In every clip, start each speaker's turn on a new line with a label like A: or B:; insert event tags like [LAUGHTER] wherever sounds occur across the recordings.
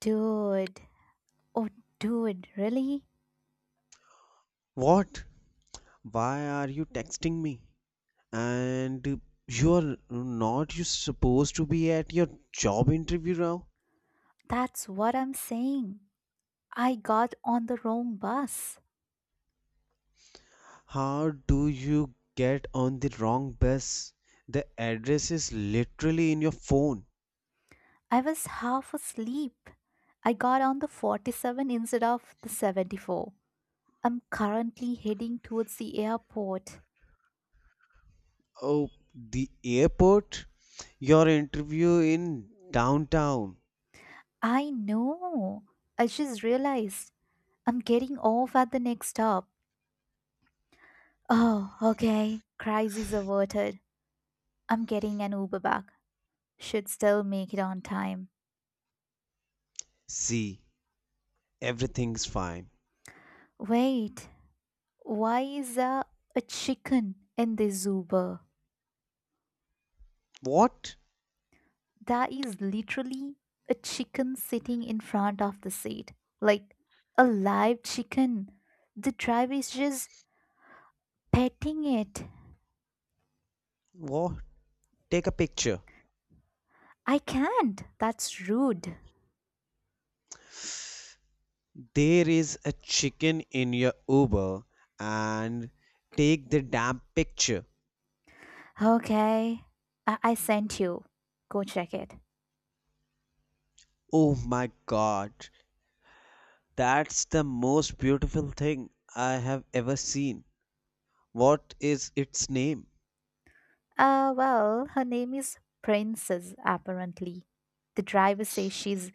A: Dude, oh, dude, really?
B: What? Why are you texting me? And you're not you supposed to be at your job interview now?
A: That's what I'm saying. I got on the wrong bus.
B: How do you get on the wrong bus? The address is literally in your phone.
A: I was half asleep. I got on the 47 instead of the 74. I'm currently heading towards the airport.
B: Oh, the airport? Your interview in downtown.
A: I know. I just realized I'm getting off at the next stop. Oh, okay. Crisis averted. I'm getting an Uber back. Should still make it on time.
B: See, everything's fine.
A: Wait, why is there a chicken in the zoo bar?
B: What?
A: There is literally a chicken sitting in front of the seat, like a live chicken. The driver is just petting it.
B: What? Take a picture.
A: I can't. That's rude.
B: There is a chicken in your Uber, and take the damn picture.
A: Okay, I sent you. Go check it.
B: Oh my god, that's the most beautiful thing I have ever seen. What is its name?
A: Well, her name is Princess, apparently. The driver says she's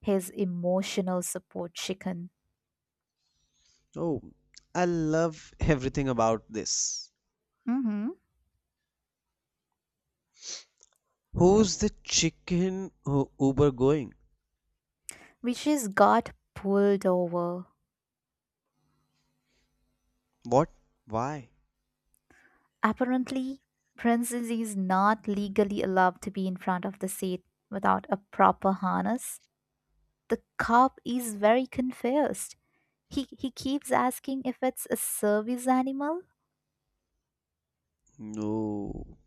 A: his emotional support chicken.
B: Oh, I love everything about this.
A: Mm hmm.
B: Who's the chicken Uber going?
A: Vishis got pulled over.
B: What? Why?
A: Apparently, Princess is not legally allowed to be in front of the seat without a proper harness. The cop is very confused. He keeps asking if it's a service animal.
B: No.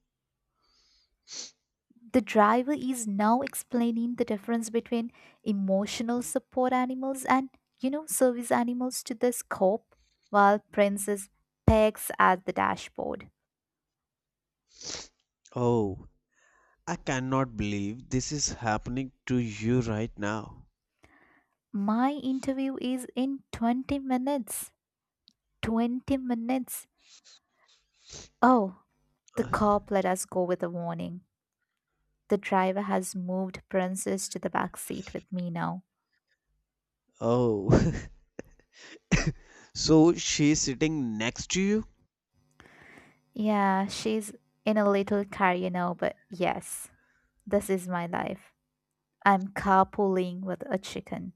A: The driver is now explaining the difference between emotional support animals and service animals to this cop, while Princess pegs at the dashboard.
B: Oh, I cannot believe this is happening to you right now.
A: My interview is in 20 minutes. 20 minutes. Oh, the
B: [SIGHS]
A: cop let us go with a warning. The driver has moved Princess to the back seat with me now.
B: Oh, [LAUGHS] so she's sitting next to you?
A: Yeah, she's in a little car, but yes, this is my life. I'm carpooling with a chicken.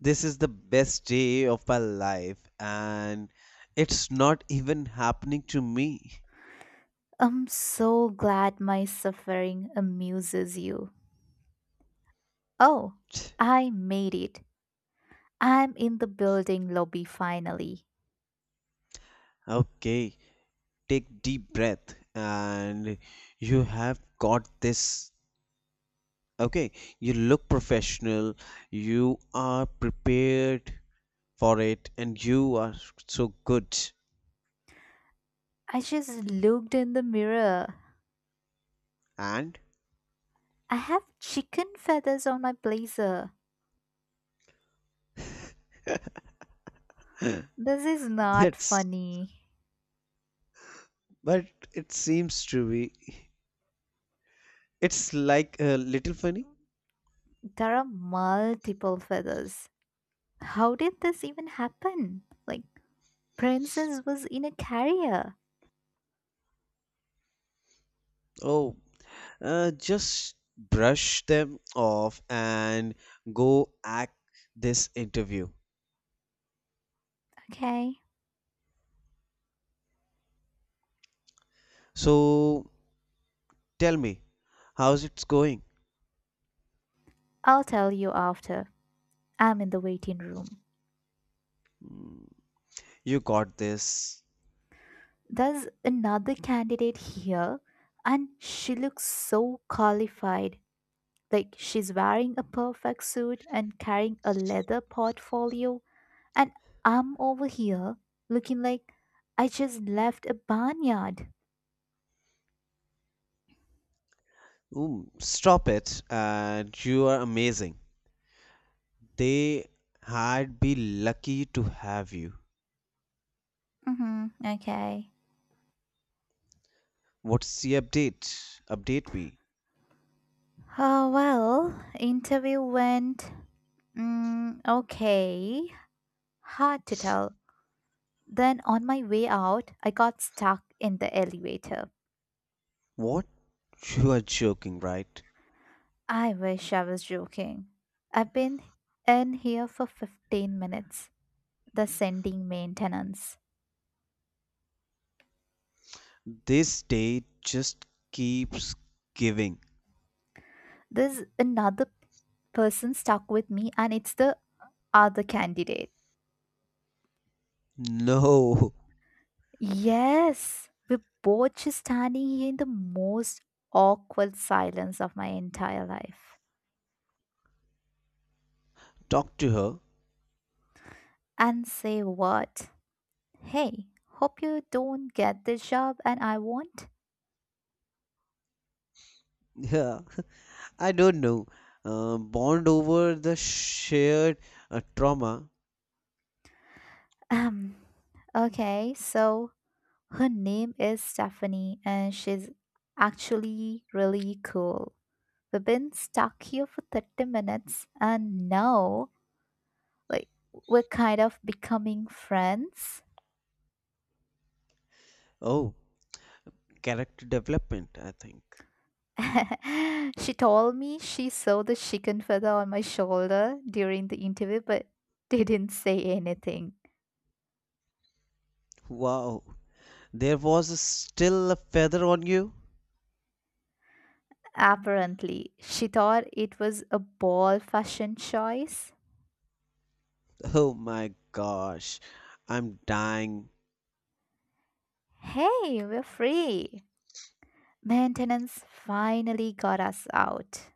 B: This is the best day of my life, and it's not even happening to me.
A: I'm so glad my suffering amuses you. Oh,
B: [TSK]
A: I made it. I'm in the building lobby finally.
B: Okay, take deep breath, and you have got this. Okay, you look professional, you are prepared for it, and you are so good.
A: I just looked in the mirror.
B: And
A: I have chicken feathers on my blazer. This is not
B: that's,
A: funny.
B: but it seems to be, it's like a little funny.
A: There are multiple feathers. How did this even happen? Like, Princess was in a carrier.
B: Oh, just brush them off and go act this interview.
A: Okay.
B: So tell me, how's it going?
A: I'll tell you after. I'm in the waiting room.
B: Mm, you got this.
A: There's another candidate here, and she looks so qualified. Like, she's wearing a perfect suit and carrying a leather portfolio, and I'm over here looking like I just left a barnyard.
B: Mm, stop it, and you are amazing. They had be lucky to have you.
A: Mm-hmm. Okay.
B: What's the update? Update me.
A: Oh, well, interview went. Mm, okay. Hard to tell. Then on my way out, I got stuck in the elevator.
B: What? You are joking, right?
A: I wish I was joking. I've been in here for 15 minutes. The sending maintenance.
B: This day just keeps giving.
A: There's another person stuck with me, and it's the other candidate.
B: No,
A: Yes, we're both just standing here in the most awkward silence of my entire life.
B: [LAUGHS] talk to her.
A: And say what? Hey, hope you don't get this job and I won't.
B: Yeah, [LAUGHS] I don't know. Bond over the shared trauma.
A: Um, okay, so her name is Stephanie and she's actually really cool. We've been stuck here for 30 minutes and now, like, we're kind of becoming friends.
B: Oh, character development, I think.
A: [LAUGHS] She told me she saw the chicken feather on my shoulder during the interview, but didn't say anything.
B: Wow, there was still a feather on you?
A: Apparently, she thought it was a ball fashion choice.
B: Oh my gosh, I'm dying.
A: Hey, we're free. Maintenance finally got us out.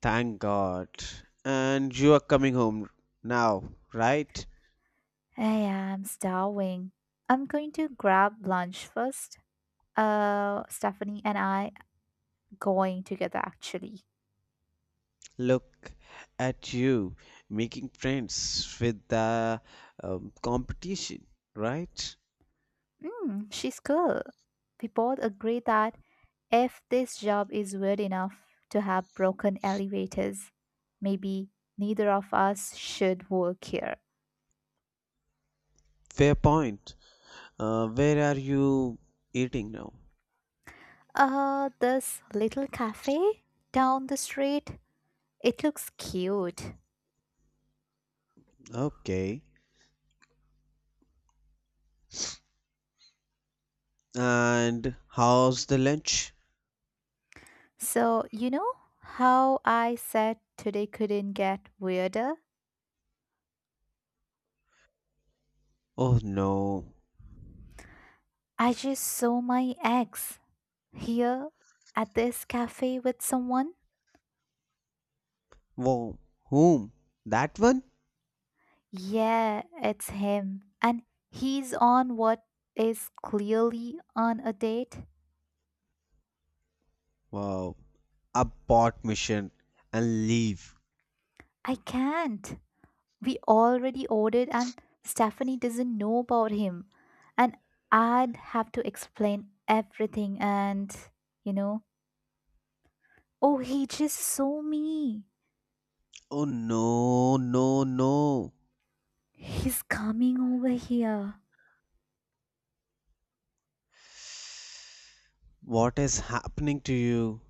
B: Thank God. And you are coming home now, right?
A: Hey, I'm starving. I'm going to grab lunch first. Stephanie and I going together actually.
B: Look at you making friends with the competition, right?
A: Mm, she's cool. We both agree that if this job is weird enough to have broken elevators, maybe neither of us should work here.
B: Fair point. Where are you eating now?
A: This little cafe down the street, it looks cute.
B: Okay. And how's the lunch?
A: So, you know how I said today couldn't get weirder?
B: Oh no.
A: I just saw my ex here at this cafe with someone.
B: Whoa, whom? That one?
A: Yeah, it's him. And he's on what is clearly on a date.
B: Wow. Abort mission and leave.
A: I can't. We already ordered, and Stephanie doesn't know about him. And I'd have to explain everything, and you know, oh, he just saw me.
B: Oh no, no, no.
A: He's coming over here.
B: What is happening to you?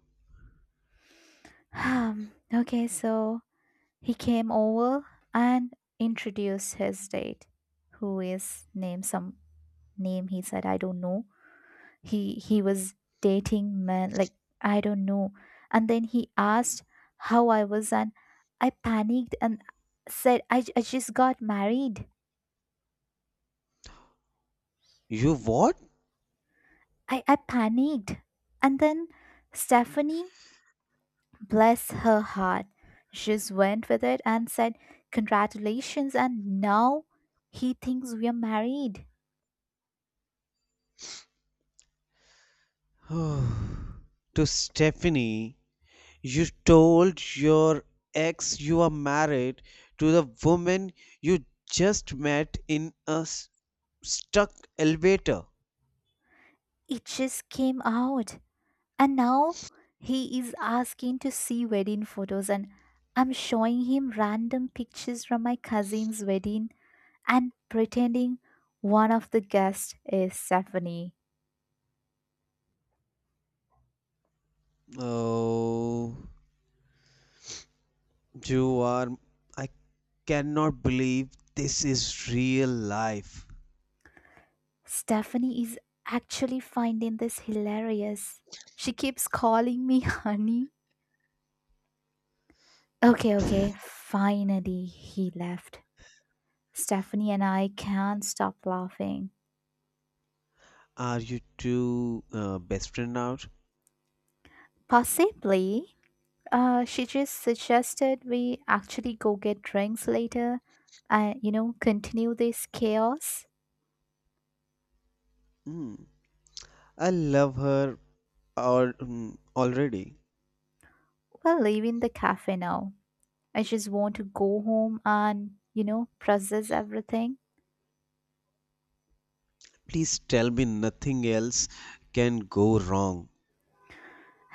A: Okay, so he came over and introduced his date, who is named some name he said I don't know. He was dating men, like, I don't know, and then he asked how I was, and I panicked and said I just got married.
B: You what?
A: I panicked and then Stephanie, bless her heart, just went with it and said congratulations, and now he thinks we are married.
B: [SIGHS] To Stephanie, you told your ex you are married to the woman you just met in a stuck elevator.
A: It just came out. And now he is asking to see wedding photos, and I'm showing him random pictures from my cousin's wedding and pretending one of the guests is Stephanie.
B: Oh, you are. I cannot believe this is real life.
A: Stephanie is actually finding this hilarious. She keeps calling me [LAUGHS] honey. Okay, okay, finally he left. Stephanie and I can't stop laughing.
B: Are you two best friend now?
A: Possibly. She just suggested we actually go get drinks later and continue this chaos.
B: Hmm. I love her or, already.
A: We're leaving the cafe now. I just want to go home and process everything.
B: Please tell me nothing else can go wrong.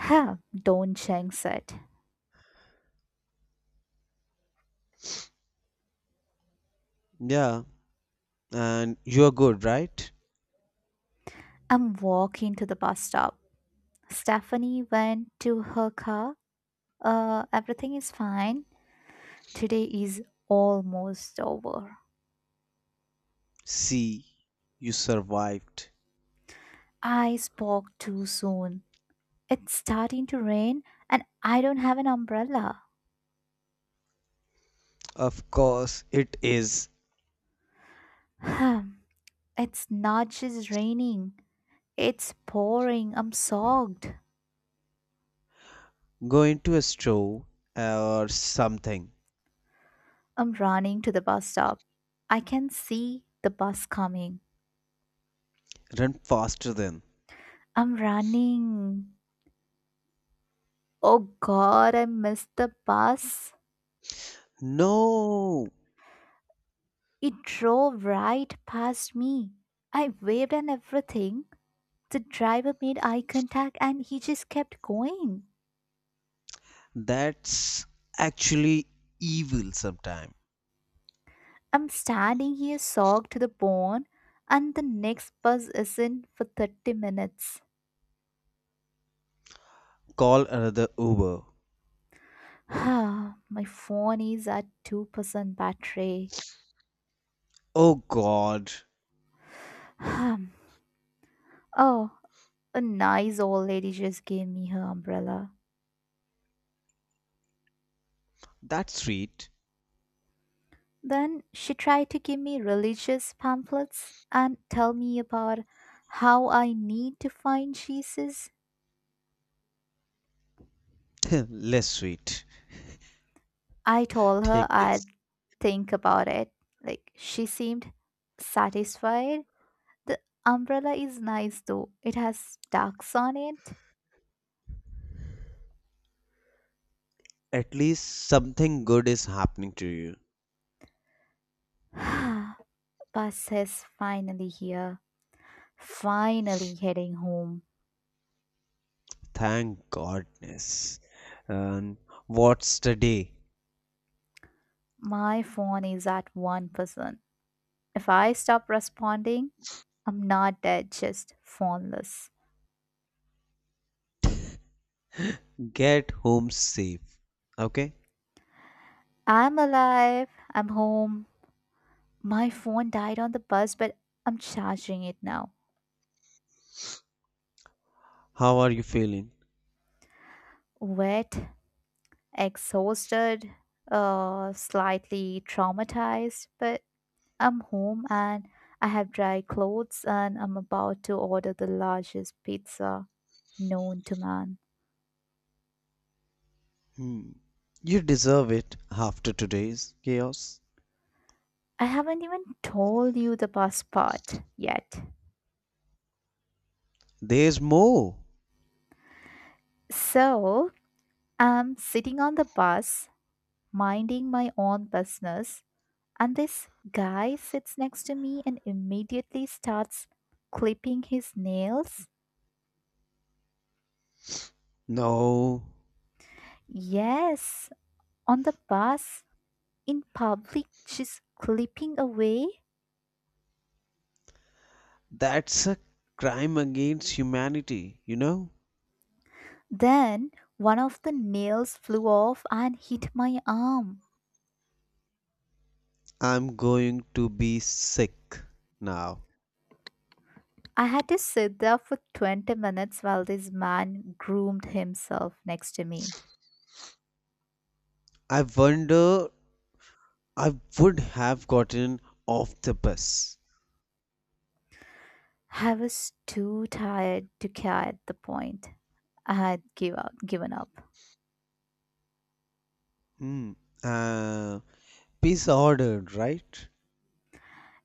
A: Ha, don't jinx it.
B: Yeah, and you're good, right?
A: I'm walking to the bus stop. Stephanie went to her car. Everything is fine. Today is almost over.
B: See, you survived.
A: I spoke too soon. It's starting to rain and I don't have an umbrella.
B: Of course, it is.
A: Hmm, it's not just raining, it's pouring. I'm soaked.
B: Go into a store or something
A: I'm running to the bus stop. I can see the bus coming.
B: run faster than.
A: I'm running. Oh god, I missed the bus.
B: No,
A: It drove right past me. I waved and everything. The driver made eye contact and he just kept going.
B: that's actually evil sometime.
A: I'm standing here soaked to the bone, and the next bus isn't for 30 minutes.
B: Call another Uber.
A: [SIGHS] My phone is at 2% battery. [SIGHS]
B: Oh God,
A: Um, oh, a nice old lady just gave me her umbrella.
B: that's sweet.
A: Then she tried to give me religious pamphlets and tell me about how I need to find Jesus.
B: [LAUGHS] Less sweet.
A: I told her
B: Take
A: I'd
B: this.
A: think about it. Like, she seemed satisfied. The umbrella is nice though, it has ducks on it.
B: At least something good is happening to you.
A: [SIGHS] Bus is finally here. Finally heading home.
B: Thank Godness. And what's the day?
A: My phone is at 1%. If I stop responding, I'm not dead, just phoneless.
B: Get home safe. Okay?
A: I'm alive. I'm home. My phone died on the bus, but I'm charging it now.
B: How are you feeling?
A: Wet, exhausted, slightly traumatized, but I'm home and I have dry clothes and I'm about to order the largest pizza known to man.
B: Hmm. You deserve it after today's chaos.
A: I haven't even told you the bus part yet.
B: There's more.
A: So I'm sitting on the bus, minding my own business, and this guy sits next to me and immediately starts clipping his nails.
B: No,
A: Yes, on the bus, in public, she's clipping away.
B: that's a crime against humanity, you know?
A: Then one of the nails flew off and hit my arm.
B: I'm going to be sick now.
A: I had to sit there for 20 minutes while this man groomed himself next to me.
B: I wonder I would have gotten off the bus.
A: I was too tired to care at the point. I had give up, given up.
B: Hmm. Uh, Peace ordered, right?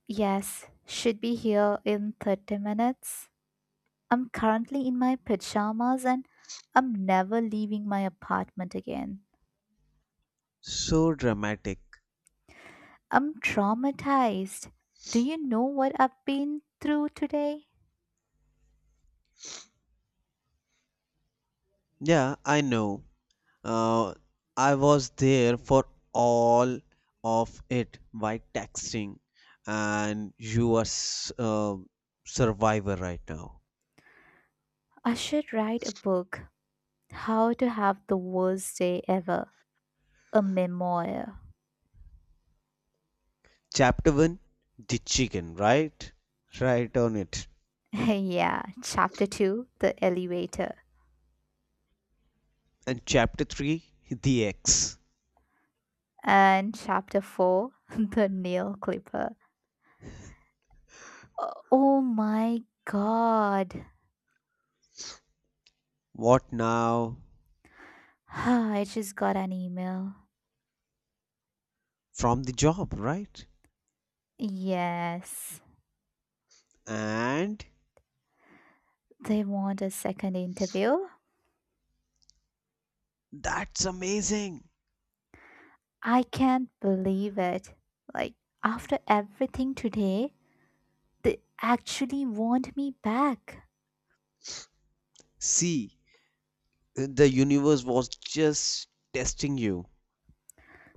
A: Yes, should be here in 30 minutes. I'm currently in my pajamas and I'm never leaving my apartment again.
B: So dramatic.
A: I'm traumatized. Do you know what I've been through today?
B: Yeah, I know. Uh, I was there for all of it by texting, and you are survivor right now.
A: I should write a book, How to Have the Worst Day Ever. A memoir.
B: Chapter 1 the chicken, right? Right on it.
A: [LAUGHS] Yeah, chapter 2, the elevator,
B: And chapter 3 the eggs.
A: and chapter 4, [LAUGHS] the nail clipper. Oh my god.
B: What now?
A: [SIGHS] I just got an email.
B: From the job, right?
A: Yes,
B: And
A: they want a second interview.
B: that's amazing.
A: I can't believe it. Like, after everything today, they actually want me back. [SIGHS]
B: See, the universe was just testing you.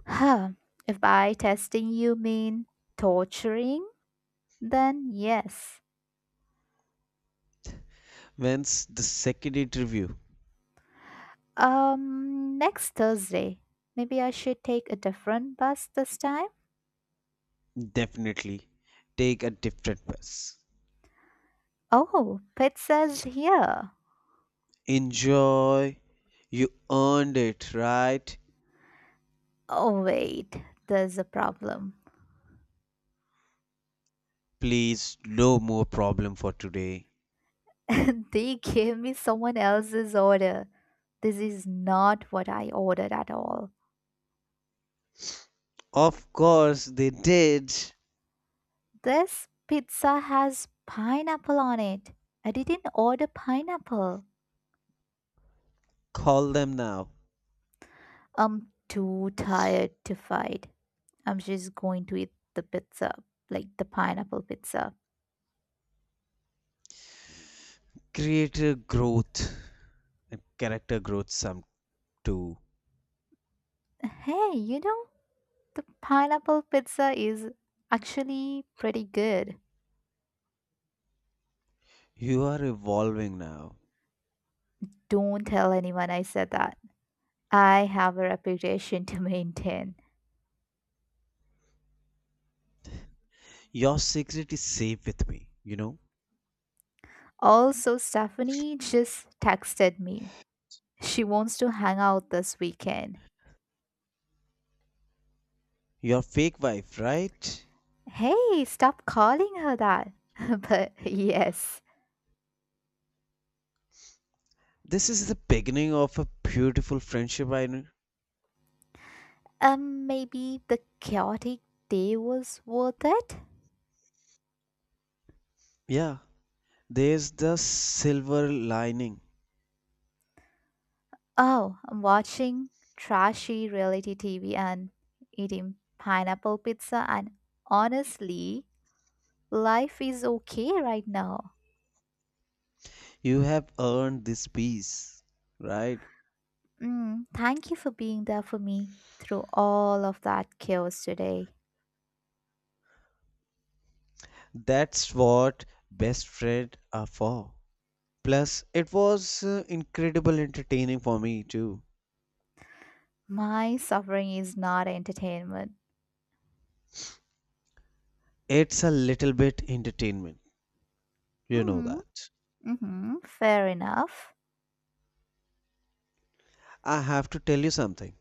A: Huh. If by testing you mean torturing, then yes.
B: When's the second interview?
A: Next Thursday. Maybe I should take a different bus this time?
B: Definitely take a different bus.
A: Oh, pizza's here.
B: Enjoy. You earned it, right?
A: Oh, wait, there's a problem.
B: Please, no more problem for today.
A: [LAUGHS] They gave me someone else's order. This is not what I ordered at all.
B: Of course they did.
A: This pizza has pineapple on it. I didn't order pineapple.
B: Call them now.
A: I'm too tired to fight. I'm just going to eat the pizza, like the pineapple pizza.
B: Creator growth and character growth some too.
A: Hey, the pineapple pizza is actually pretty good.
B: You are evolving now.
A: Don't tell anyone I said that. I have a reputation to [LAUGHS] maintain.
B: Your secret is safe with me, you know.
A: Also, Stephanie just texted me. She wants to hang out this weekend.
B: Your fake wife, right?
A: Hey, stop calling her that. [LAUGHS] But yes,
B: This is the beginning of a beautiful friendship I know.
A: maybe the chaotic day was worth it?
B: Yeah. There's the silver lining.
A: Oh, I'm watching trashy reality TV and eating pineapple pizza, and honestly, life is okay right now.
B: You have earned this peace, right?
A: Mm, thank you for being there for me through all of that chaos today.
B: That's what best friends are for. Plus, it was incredible entertaining for me too.
A: My suffering is not entertainment.
B: It's a little bit entertainment, you know
A: Mm,
B: that.
A: mm-hmm, fair enough.
B: I have to tell you something.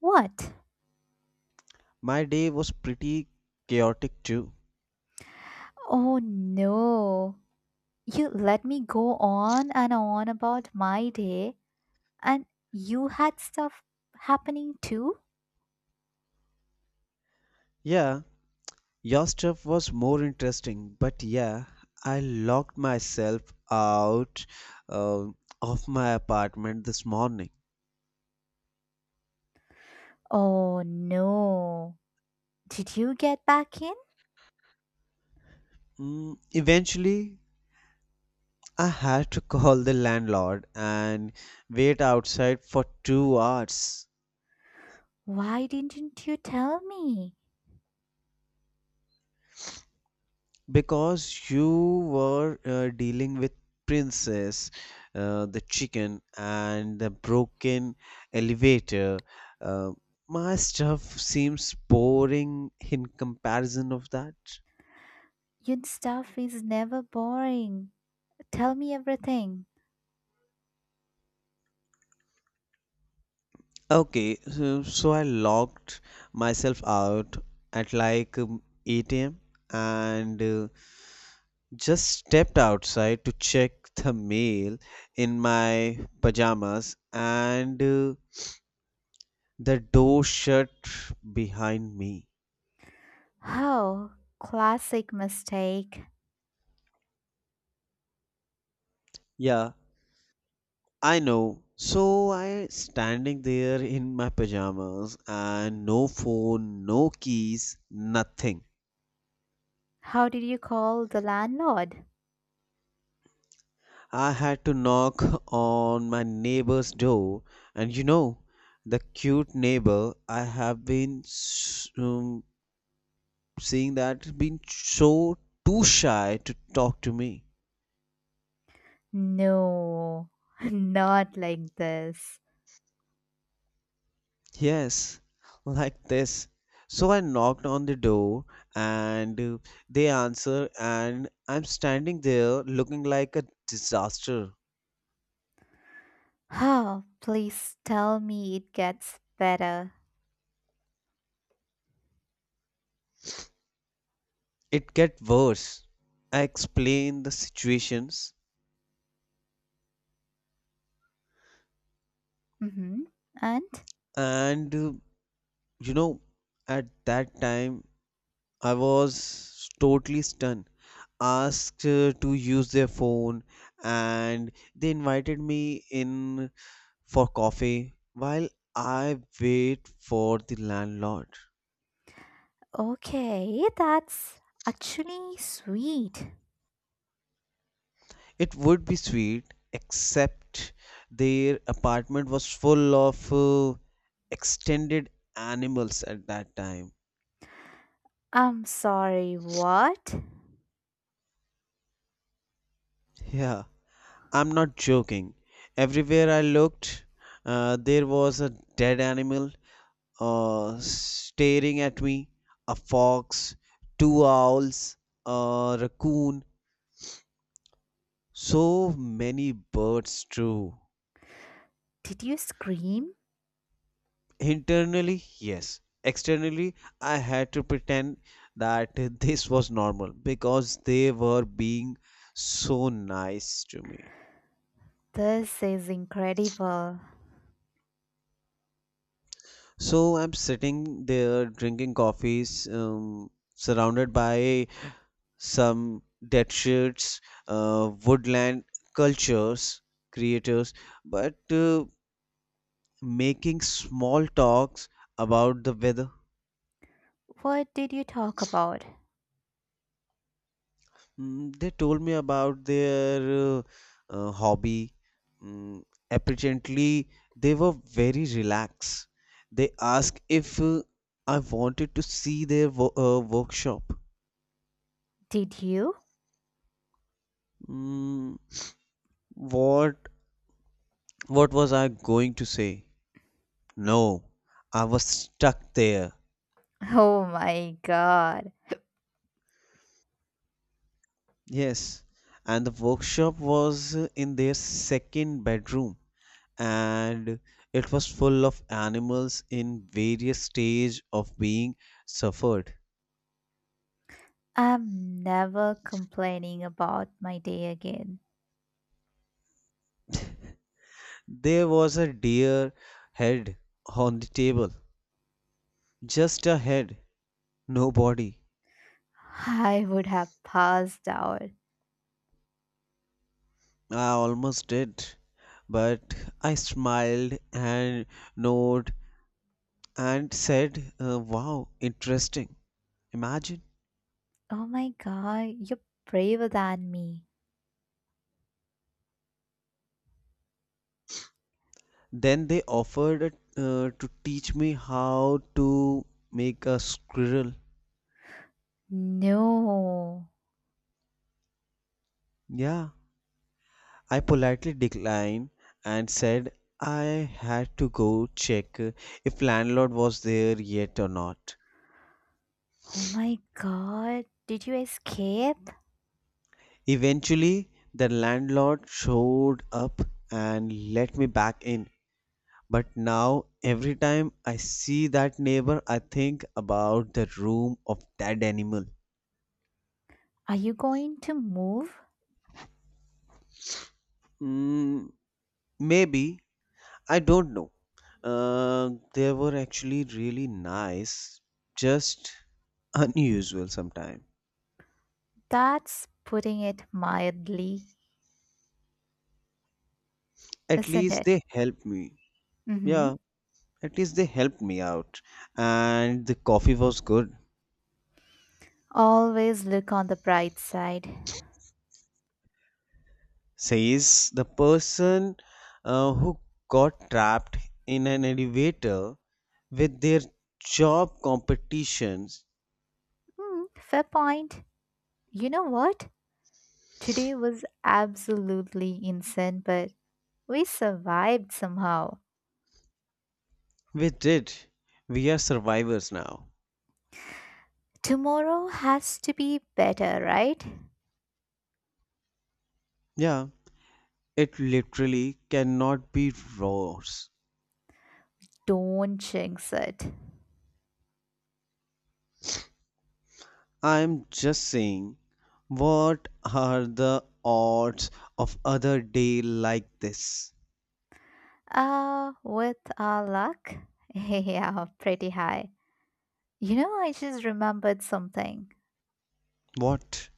A: What?
B: My day was pretty chaotic too.
A: Oh no. You let me go on and on about my day, and you had stuff happening too?
B: Yeah, your stuff was more interesting, but yeah, I locked myself out uh, of my apartment this morning.
A: Oh no. Did you get back in?
B: Mm, eventually, I had to [LAUGHS] call the landlord and wait outside for 2 hours.
A: Why didn't you tell me?
B: Because you were dealing with princess the chicken and the broken elevator uh, my stuff seems boring in comparison of that.
A: Your stuff is never boring. Tell me everything.
B: Okay so I logged myself out at like 8 a.m and just stepped outside to check the mail in my pajamas and the door shut behind me.
A: Oh, classic mistake.
B: Yeah, I know. So I standing there in my pajamas and no phone, no keys, nothing.
A: How did you call the landlord?
B: I had to knock on my neighbor's door and the cute neighbor I have been seeing that has been so too shy to talk to me.
A: No, [LAUGHS] not like this.
B: Yes, like this. So I knocked on the door and they answer and I'm standing there looking like a disaster.
A: Oh, please tell me it gets better.
B: It get worse. I explain the situations
A: Mm-hmm. And?
B: and you know at that time I was totally stunned. Asked to use their phone and they invited me in for coffee while I wait for the landlord.
A: Okay, that's actually sweet.
B: It would be sweet, except their apartment was full of extended animals at that time.
A: I'm sorry, what?
B: Yeah, I'm not joking. Everywhere I looked, there was a dead animal staring at me, a fox, two owls, a raccoon, so many birds, too.
A: Did you scream?
B: Internally, yes. Externally, I had to pretend that [LAUGHS] this was normal because they were being so nice to me.
A: This is incredible.
B: So I'm sitting there drinking coffees, surrounded by some dead shirts, woodland cultures, creators, but making small talks about the weather.
A: What did you talk about?
B: Mm, they told me about their uh, hobby. Mm, apparently, they were very relaxed. They asked if I wanted to see their workshop.
A: Did you? [LAUGHS]
B: Mm, what what was I going to say? No, I was stuck there.
A: Oh my god.
B: Yes, and the workshop was in their second bedroom, and it was full of animals in various stage of being suffered.
A: I'm never complaining about my day again.
B: There was a deer head on the table, just a head, no body.
A: I would have passed out.
B: I almost did, but I smiled and nodded and said, "Wow, interesting." Imagine.
A: Oh my god, you're braver than me.
B: Then they offered to teach me how to make a squirrel.
A: No.
B: Yeah, I politely declined and said I had to go check if landlord was there yet or not.
A: Oh my god, did you escape?
B: Eventually, the landlord showed up and let me back in. But now, every time I see that neighbor, I think about the room of that animal.
A: Are you going to move?
B: Mm, maybe I don't know. They were actually really nice, just unusual sometimes.
A: That's putting it mildly,
B: At
A: isn't
B: least
A: it?
B: they helped me.
A: Mm hmm.
B: Yeah, at least they helped me out. And the coffee was good,
A: Always look on the bright side.
B: says the person who got trapped in an elevator with their job competitions.
A: Hmm, fair point. You know what? Today was absolutely insane, but we survived somehow.
B: We did. We are survivors now.
A: Tomorrow has to be better, right?
B: Yeah, it literally cannot be worse.
A: Don't jinx it.
B: I'm just saying, what are the odds of other day like this?
A: With our luck? [LAUGHS] Yeah, pretty high. You know, I just remembered something.
B: What?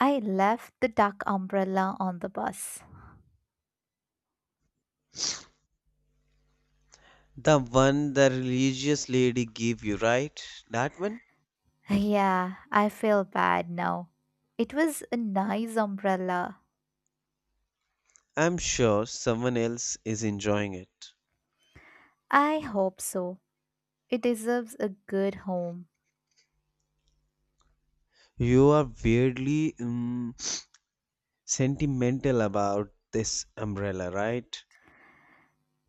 A: I left the duck umbrella on the bus.
B: The one the religious lady gave you, right? That one?
A: [LAUGHS] Yeah, I feel bad now. It was a nice umbrella.
B: I'm sure someone else is enjoying it.
A: I hope so. It deserves a good home.
B: You are weirdly sentimental about this umbrella, right?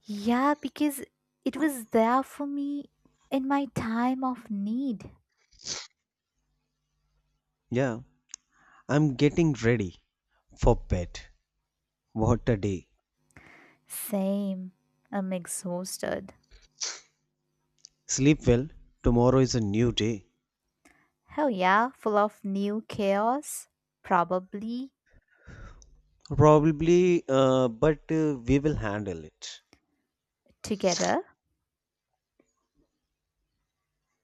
A: Yeah, because it was there for me in my time of need.
B: Yeah, I'm getting ready for bed. What a day.
A: Same. I'm exhausted.
B: Sleep well. Tomorrow is a new day.
A: Hell yeah, full of new chaos. Probably
B: Probably, but we will handle it.
A: together.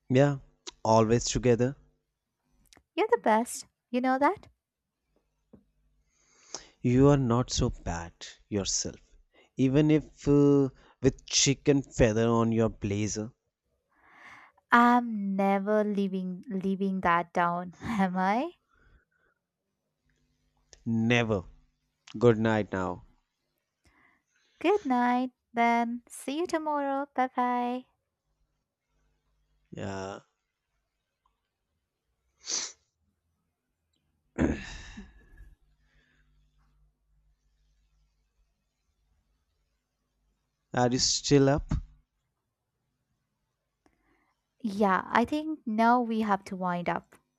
B: Yeah, always together.
A: You're the best. You know that?
B: You are not so bad yourself. Even if with chicken feather on your blazer.
A: I'm never leaving that down, [LAUGHS] am I?
B: Never. Good night now.
A: Good night then. See you tomorrow. Bye bye.
B: Yeah. Are you still up?
A: Yeah, I think now we have to wind up.